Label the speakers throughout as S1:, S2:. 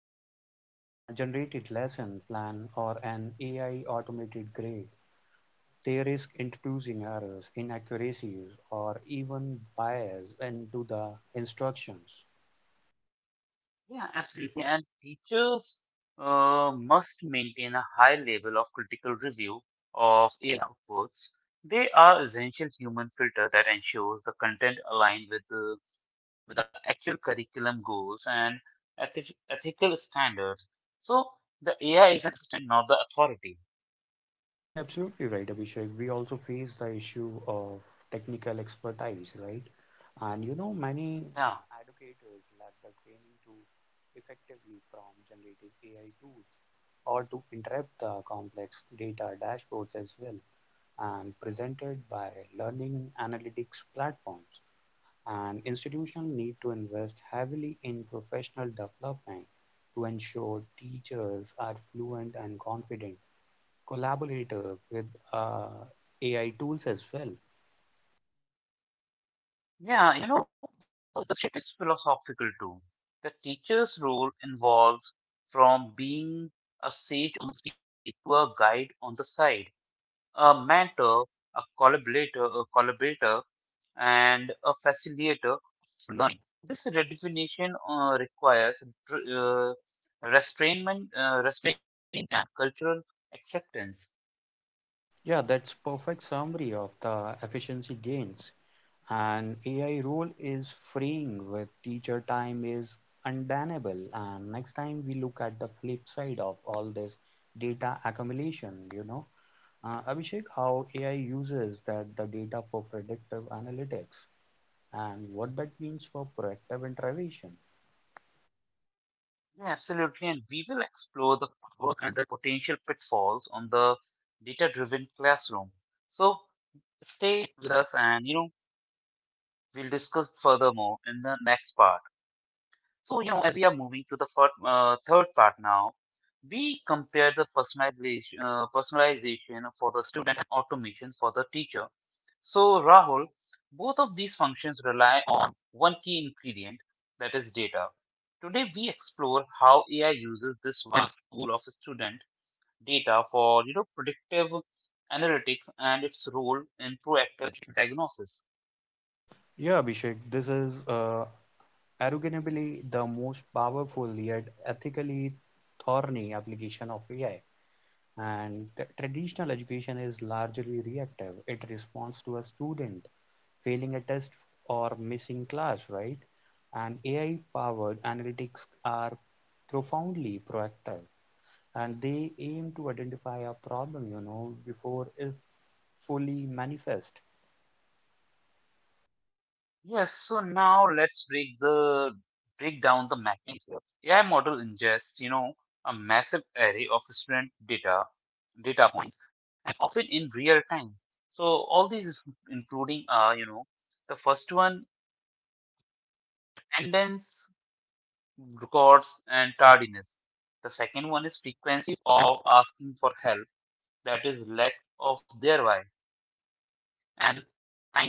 S1: AI gra generated lesson plan or an AI automated grade, they risk introducing errors, inaccuracies, or even bias into the instructions.
S2: Yeah, absolutely. And teachers must maintain a high level of critical review of their outputs. They are essential human filter that ensures the content align with the actual curriculum goals and ethical standards. So the AI is an assistant, not the authority.
S1: Yeah, absolutely right, Abhishek. We also face the issue of technical expertise, right? And you know, many
S2: Yeah,
S1: educators lack the training to effectively prompt generative AI tools or to interpret the complex data dashboards as well, and presented by learning analytics platforms. And institutions need to invest heavily in professional development to ensure teachers are fluent and confident collaborator with uh, AI tools as well.
S2: yeah. You know, the shift is philosophical too. The teacher's role involves from being a sage on the stage to a guide on the side, a mentor, a collaborator, and a facilitator of learning. This redefinition requires uh, restraining and cultural acceptance.
S1: Yeah, that's perfect summary of the efficiency gains. And AI role is freeing with teacher time is undeniable. And next time we look at the flip side of all this data accumulation, you know, Abhishek, how AI uses that the data for predictive analytics and what that means for proactive intervention.
S2: Yeah, absolutely. And we will explore the power and the potential pitfalls on the data-driven classroom. So stay with us, and you know we'll discuss furthermore in the next part. So, you know, as we are moving to the third part now, we compare the personalization for the student and automation for the teacher. So, Rahul, both of these functions rely one key ingredient, that is data. Today, we explore how AI uses this vast pool of student data for you know predictive analytics and its role in proactive diagnosis.
S1: Yeah, Abhishek, this is arguably the most powerful yet ethically thorny application of AI. And the traditional education is largely reactive. It responds to a student failing a test or missing class, right? And AI powered analytics are profoundly proactive and they aim to identify a problem, you know, before it fully manifest.
S2: Yes, so now let's break the break down the mechanics. AI model ingests, you know, a massive array of student data data points, often in real time. So all these, is including, you know, the first one, attendance, records, and tardiness. The second one is frequency of asking for help, that is lack of thereby.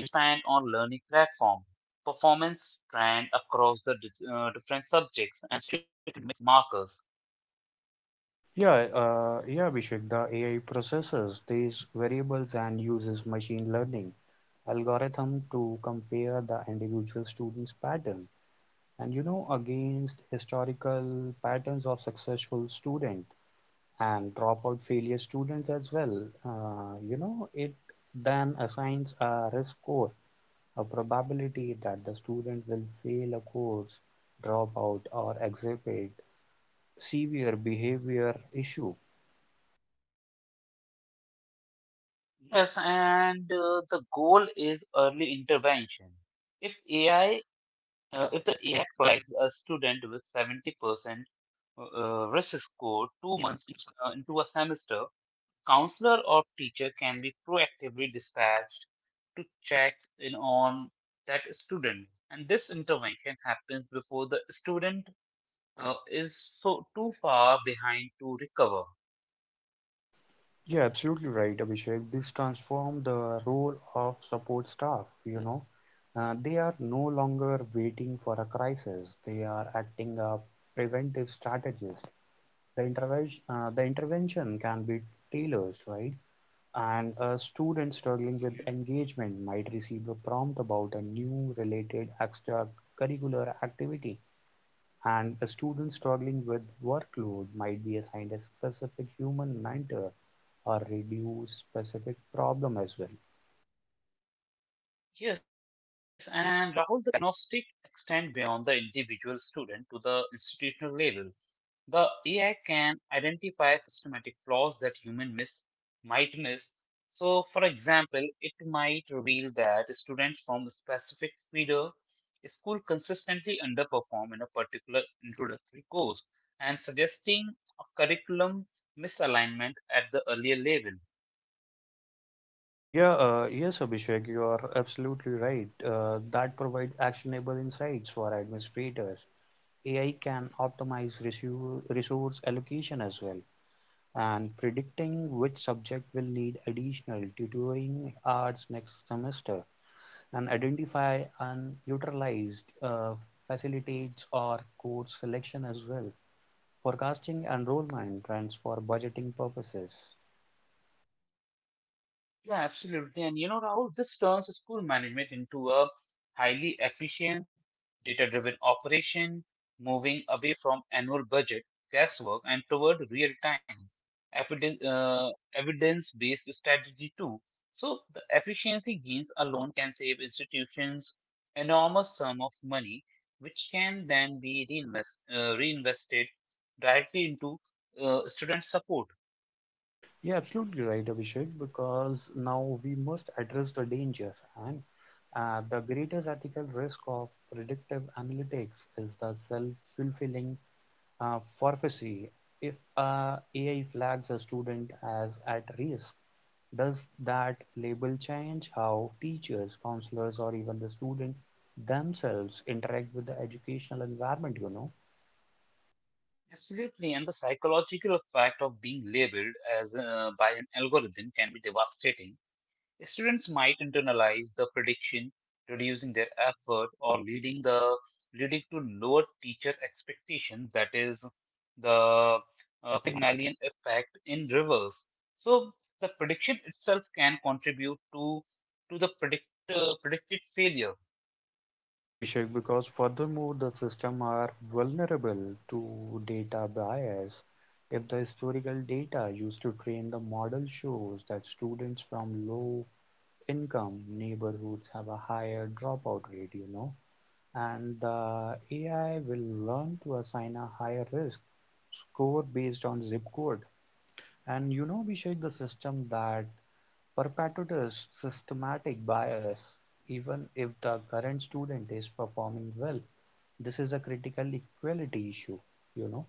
S2: Time spent on learning platform, performance trend across the different subjects, and student markers.
S1: Yeah, Abhishek, the AI processes these variables and uses machine learning algorithm to compare the individual student's pattern and you know against historical patterns of successful student and dropout failure students as well you know it then assigns a risk score, a probability that the student will fail a course, drop out or exhibit severe behavior issue.
S2: Yes, and the goal is early intervention. If AI, uh, If the AI flags a student with 70% risk score too much into a semester, counselor or teacher can be proactively dispatched to check in on that student. And this intervention happens before the student is so too far behind to recover.
S1: Yeah, absolutely right, Abhishek. This transformed the role of support staff, you know. They are no longer waiting for a crisis. They are acting a preventive strategist. The intervention can be tailored, right? And a student struggling with
S2: Mhm.
S1: engagement might receive a prompt about a new related extracurricular activity. And a student struggling with workload might be assigned a specific human mentor or reduce specific problem as well.
S2: Yes, and Rahul, the diagnostic extend beyond the individual student to the institutional level. The AI can identify systematic flaws that human miss might miss. So, for example, it might reveal that students from a specific feeder school consistently underperform in a particular introductory course and suggesting a curriculum misalignment at the earlier level.
S1: Yeah, yes, Abhishek, you are absolutely right. That provide actionable insights for administrators. AI can optimize resource allocation as well, and predicting which subject will need additional tutoring hours next semester, and identify unutilized facilitates or course selection as well. Forecasting enrollment trends for budgeting purposes.
S2: Yeah, absolutely. And you know, Rahul, this turns school management into a highly efficient, data-driven operation, moving away from annual budget, guesswork, and toward real-time, evidence-based strategy too. So the efficiency gains alone can save institutions enormous sum of money, which can then be reinvested directly into student support.
S1: You're absolutely right, Abhishek, because now we must address the danger. And the greatest ethical risk of predictive analytics is the self fulfilling prophecy. If AI flags a student as at risk, does that label change how teachers, counselors, or even the student themselves interact with the educational environment? You know.
S2: Absolutely, and the psychological effect of being labeled as by an algorithm can be devastating. Students might internalize the prediction, reducing their effort or leading to lower teacher expectations. That is the Pygmalion effect in reverse. So the prediction itself can contribute to to the predicted failure.
S1: Yeah, Abhishek, because furthermore, the system are vulnerable to data bias. If the historical data used to train the model shows that students from low income neighborhoods have a higher dropout rate, you know, and the AI will learn to assign a higher risk score based on zip code. And you know, Abhishek, the system that perpetuates systematic bias, even if the current student is performing well, this is a critical equality issue, you know.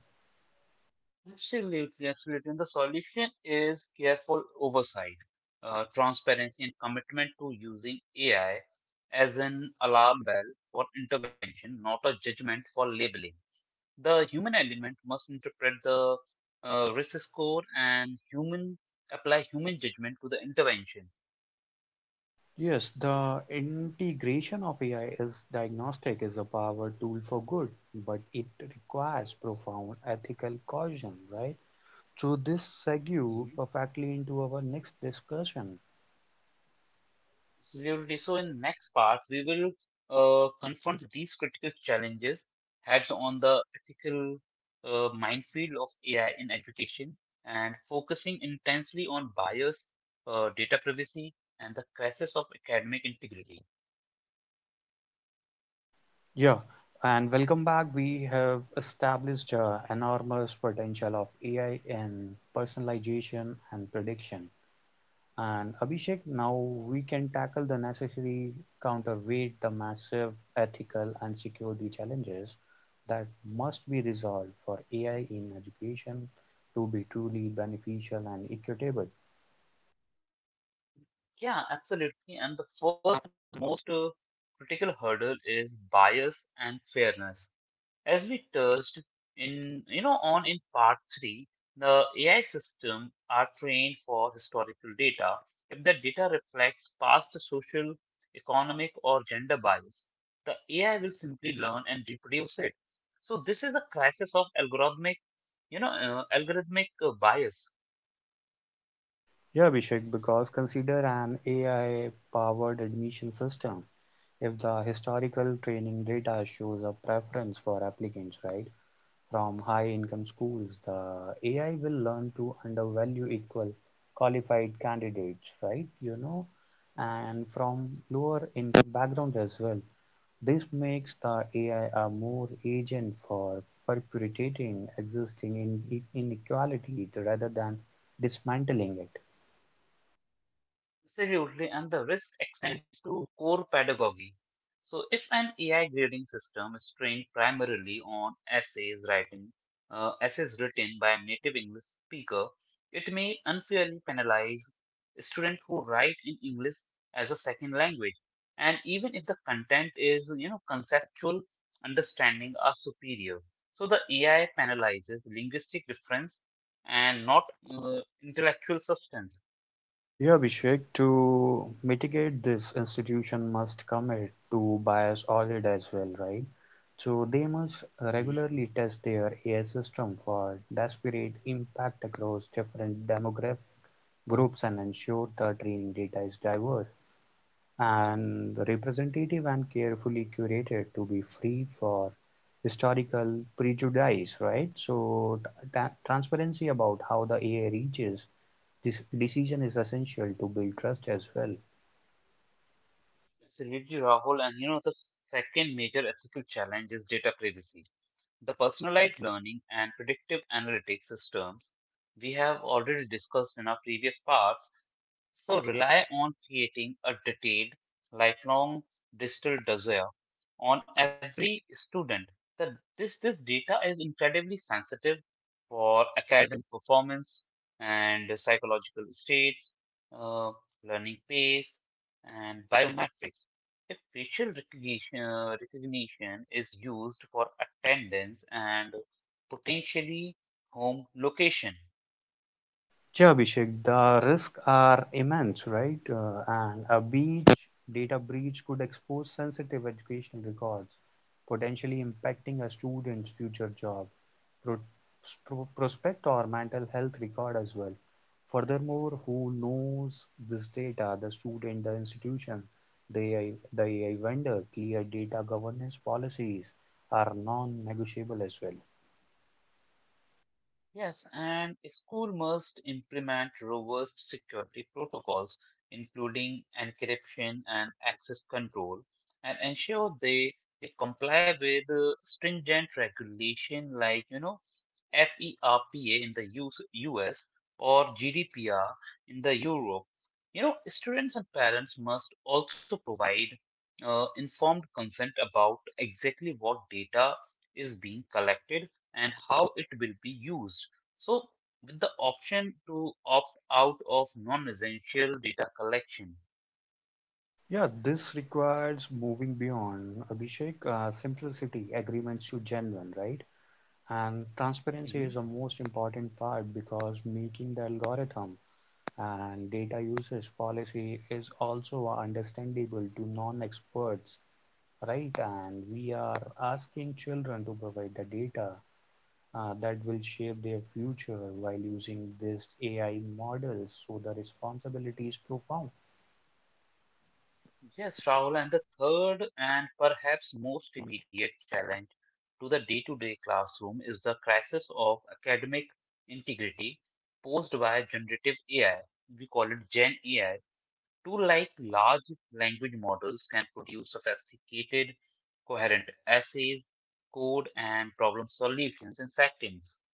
S2: Absolutely, and the solution is careful oversight, transparency, and commitment to using AI as an alarm bell for intervention, not a judgment for labeling. The human element must interpret the risk score and human apply human judgment to the intervention.
S1: Yes, the integration of AI is diagnostic is a power tool for good, but it requires profound ethical caution, right? So this segues perfectly into our next discussion.
S2: Absolutely. So in next part, we will confront these critical challenges heads on the ethical minefield of AI in education and focusing intensely on bias, data privacy, and the crisis of academic integrity.
S1: Yeah, and welcome back. We have established enormous potential of AI in personalization and prediction. And Abhishek, now we can tackle the necessary counterweight the massive ethical and security challenges that must be resolved for AI in education to be truly beneficial and equitable.
S2: Yeah, absolutely. And the first, most critical hurdle is bias and fairness. As we touched in, you know, on in part three, the AI system are trained for historical data. If the data reflects past social, economic, or gender bias, the AI will simply learn and reproduce it. So this is the crisis of algorithmic, bias.
S1: Yeah, Abhishek, because consider an AI powered admission system. If the historical training data shows a preference for applicants, right, from high-income schools, the AI will learn to undervalue equal qualified candidates, right? You know, and from lower income backgrounds as well. This makes the AI a more agent for perpetuating existing inequality rather than dismantling it.
S2: Absolutely, and the risk extends to core pedagogy. So, if an AI grading system is trained primarily on essays written by native English speaker, it may unfairly penalize students who write in English as a second language. And even if the content is, you know, conceptual understanding are superior, so the AI penalizes linguistic difference and not intellectual substance.
S1: Yeah, Abhishek, to mitigate this, institution must commit to bias audit as well, right? So they must regularly test their AI system for disparate impact across different demographic groups and ensure the training data is diverse and representative and carefully curated to be free for historical prejudice, right? So transparency about how the AI reaches this decision is essential to build trust as well.
S2: Absolutely, Rahul. And you know, the second major ethical challenge is data privacy. The personalized learning and predictive analytics systems we have already discussed in our previous parts, so rely on creating a detailed, lifelong digital dossier on every student. The, this data is incredibly sensitive for academic performance and psychological states, uh, learning pace, and biometrics. If recognition is used for attendance and potentially home location.
S1: Sure, Abhishek, the risks are immense, right? And a breach, data breach could expose sensitive educational records, potentially impacting a student's future job, pro- prospect, or mental health record as well. Furthermore, who knows this data? The student, the institution, the AI, the AI vendor. Clear data governance policies are non-negotiable as well.
S2: Yes, and school must implement robust security protocols, including encryption and access control, and ensure they comply with stringent regulation like, you know, FERPA in the US or GDPR in the Europe. You know, students and parents must also provide informed consent about exactly what data is being collected and how it will be used. So, with the option to opt out of non essential data collection.
S1: Yeah, this requires moving beyond, Abhishek, simplicity, agreements to genuine, right? And transparency is
S2: Mhm.
S1: the most important part because making the algorithm and data usage policy is also understandable to non-experts, right? And we are asking children to provide the data that will shape their future while using these AI models, so the responsibility is profound.
S2: Yes, Rahul, and the third and perhaps most immediate challenge to the day to day classroom is the crisis of academic integrity posed by generative AI. We call it Gen AI. Tool like large language models can produce sophisticated, coherent essays, code, and problem solutions in seconds.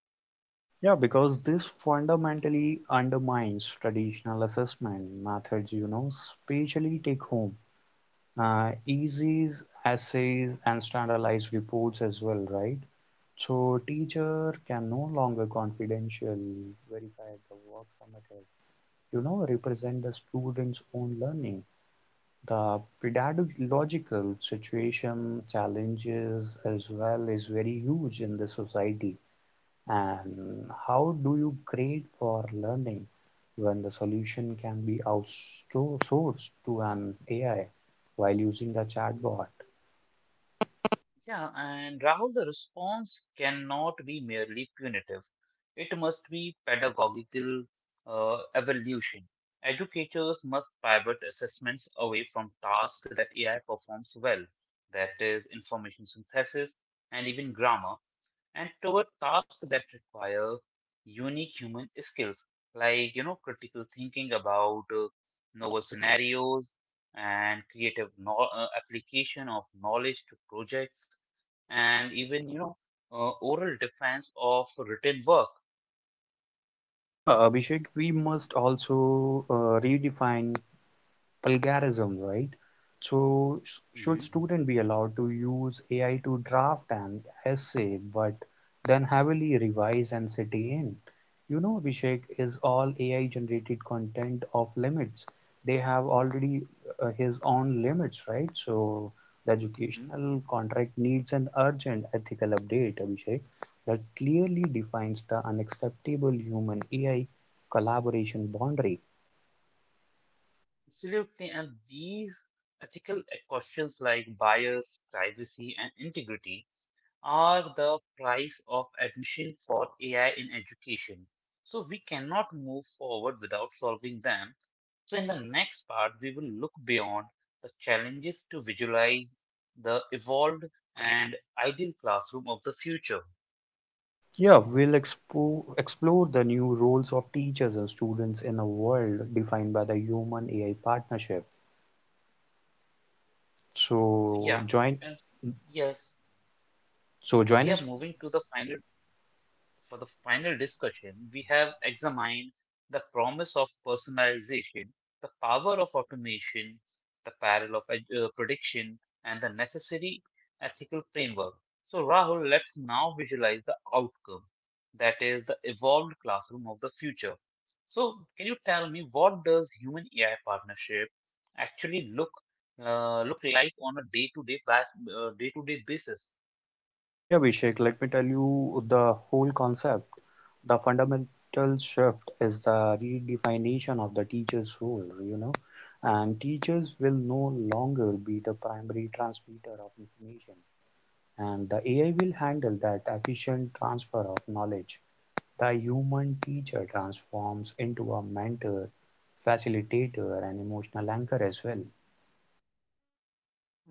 S1: Yeah, because this fundamentally undermines traditional assessment methods, you know, especially take home, essays, and standardized reports as well, right? So teacher can no longer confidential verify the work submitted, you know, represent the student's own learning. The pedagogical situation challenges as well is very huge in the society and how do you grade for learning when the solution can be outsourced to an AI while using the chatbot?
S2: Yeah, and Rahul, the response cannot be merely punitive. It must be pedagogical evolution. Educators must pivot assessments away from tasks that AI performs well, that is, information synthesis and even grammar, and toward tasks that require unique human skills, like you know, critical thinking about novel scenarios and creative application of knowledge to projects, and even you know, oral defense of written work.
S1: Yeah, Abhishek, we must also redefine plagiarism, right? So should
S2: Mhm,
S1: student be allowed to use AI to draft an essay, but then heavily revise and sit in? You know, Abhishek, is all AI generated content of limits? They have already his own limits, right? So the
S2: mhm.
S1: educational contract needs an urgent ethical update, Abhishek, that clearly defines the unacceptable human AI collaboration boundary.
S2: Absolutely, and these ethical questions like bias, privacy, and integrity are the price of admission for AI in education. So we cannot move forward without solving them. So in the next part, we will look beyond the challenges to visualize the evolved and ideal classroom of the future.
S1: Yeah, we'll expo explore the new roles of teachers and students in a world defined by the human AI partnership.
S2: Yeah,
S1: So join
S2: and yes,
S1: so
S2: we
S1: join
S2: are
S1: us.
S2: moving to the final for the final discussion, we have examined the promise of personalization, the power of automation, the peril of prediction, and the necessary ethical framework. So, Rahul, let's now visualize the outcome, that is, the evolved classroom of the future. So, can you tell me what does human AI partnership actually look look like on a day to day basis?
S1: Yeah, Vishek, let me tell you the whole concept. The fundamental shift is the redefinition of the teacher's role, you know, and teachers will no longer be the primary transmitter of information, and the AI will handle that efficient transfer of knowledge. The human teacher transforms into a mentor, facilitator, and emotional anchor as well.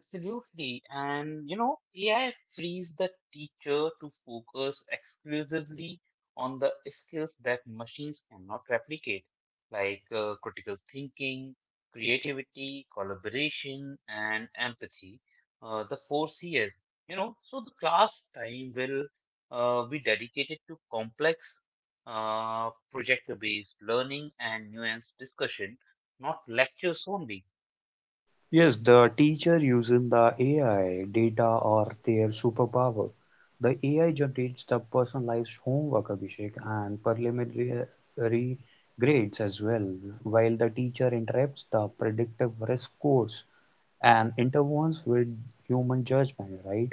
S2: Absolutely. And you know, AI frees the teacher to focus exclusively on the skills that machines cannot replicate, like critical thinking, creativity, collaboration, and empathy, the four C's. You know, so the class time will be dedicated to complex project-based learning and nuanced discussion, not lectures only.
S1: Yes, the teacher using the AI data or their superpower. The AI generates the personalized homework, Abhishek, and preliminary grades as well, while the teacher interrupts the predictive risk course and intervenes with human judgment, right?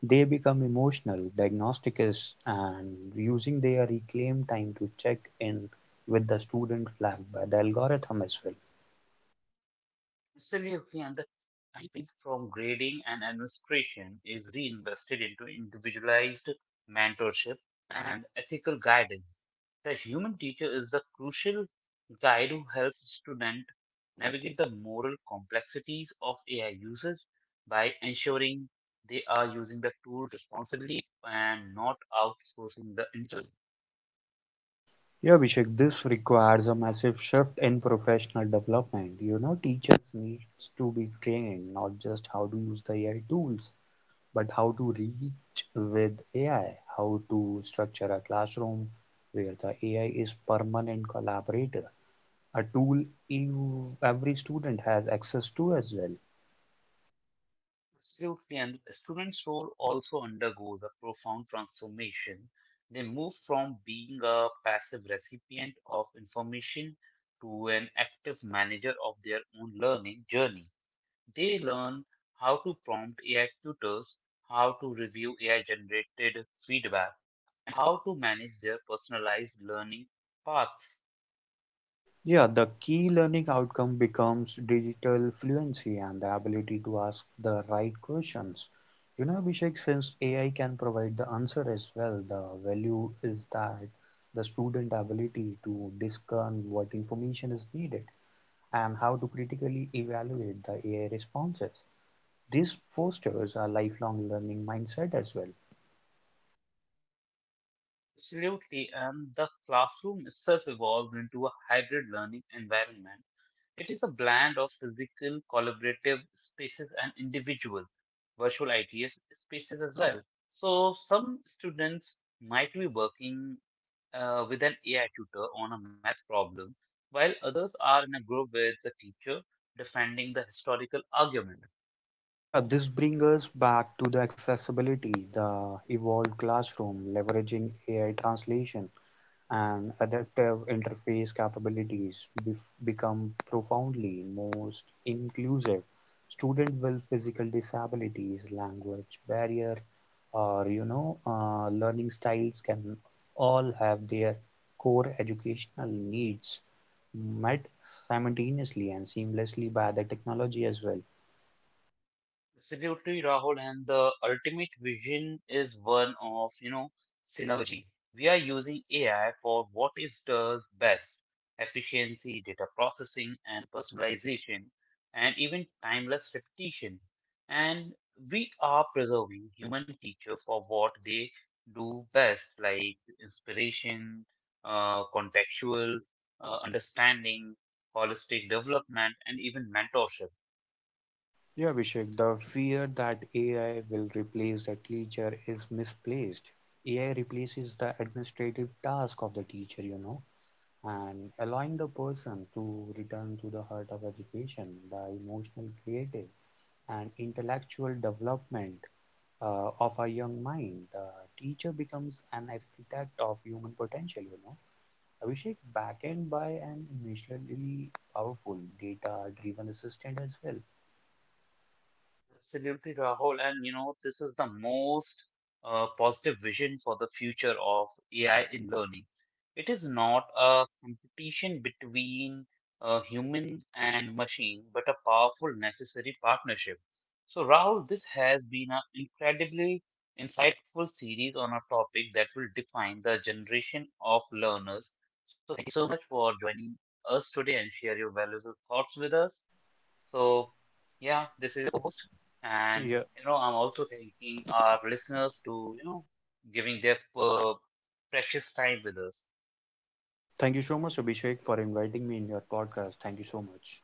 S1: They become emotional diagnosticists and using their reclaimed time to check in with the student flagged by the algorithm as well.
S2: Absolutely. And profit from grading and administration is reinvested into individualized mentorship and ethical guidance. The human teacher is the crucial guide who helps students navigate the moral complexities of AI usage by ensuring they are using the tool responsibly and not outsourcing the intelligence.
S1: Yeah, Abhishek, this requires a massive shift in professional development. You know, teachers needs to be trained not just how to use the AI tools, but how to reach with AI, how to structure a classroom where the AI is permanent collaborator, a tool you, every student has access to as well.
S2: Absolutely, and the student's role also undergoes a profound transformation. They move from being a passive recipient of information to an active manager of their own learning journey. They learn how to prompt AI tutors, how to review AI generated feedback, and how to manage their personalized learning paths.
S1: Yeah, the key learning outcome becomes digital fluency and the ability to ask the right questions. You know, Abhishek, since AI can provide the answer as well, the value is that the student ability to discern what information is needed and how to critically evaluate the AI responses. This fosters a lifelong learning mindset as well.
S2: Absolutely, and the classroom itself evolved into a hybrid learning environment. It is a blend of physical, collaborative spaces and individual virtual ITS spaces as well. So some students might be working with an AI tutor on a math problem, while others are in a group with the teacher defending the historical argument.
S1: Yeah, this brings us back to the accessibility, the evolved classroom, leveraging AI translation and adaptive interface capabilities become profoundly most inclusive. Student with physical disabilities, language barrier, or you know, learning styles can all have their core educational needs met simultaneously and seamlessly by the technology as well.
S2: Absolutely, Rahul, and the ultimate vision is one of, you know, synergy. We are using AI for what it does best, efficiency, data processing, and personalization, and even timeless repetition. And we are preserving human teachers for what they do best, like inspiration, contextual, understanding, holistic development, and even mentorship.
S1: Yeah, Abhishek, the fear that AI will replace the teacher is misplaced. AI replaces the administrative task of the teacher, you know, and allowing the person to return to the heart of education, the emotional, creative, and intellectual development of a young mind. The teacher becomes an architect of human potential, you know. Abhishek, backed by an emotionally powerful data driven assistant as well.
S2: Absolutely, Rahul. And you know, this is the most positive vision for the future of AI in learning. It is not a competition between human and machine, but a powerful, necessary partnership. So, Rahul, this has been an incredibly insightful series on a topic that will define the generation of learners. So, thank you so much for joining us today and share your valuable thoughts with us. So, yeah, this is your post. And, you know, I'm also thanking our listeners to, you know, giving their uh, precious time with us.
S1: Thank you so much, Abhishek, for inviting me in your podcast. Thank you so much.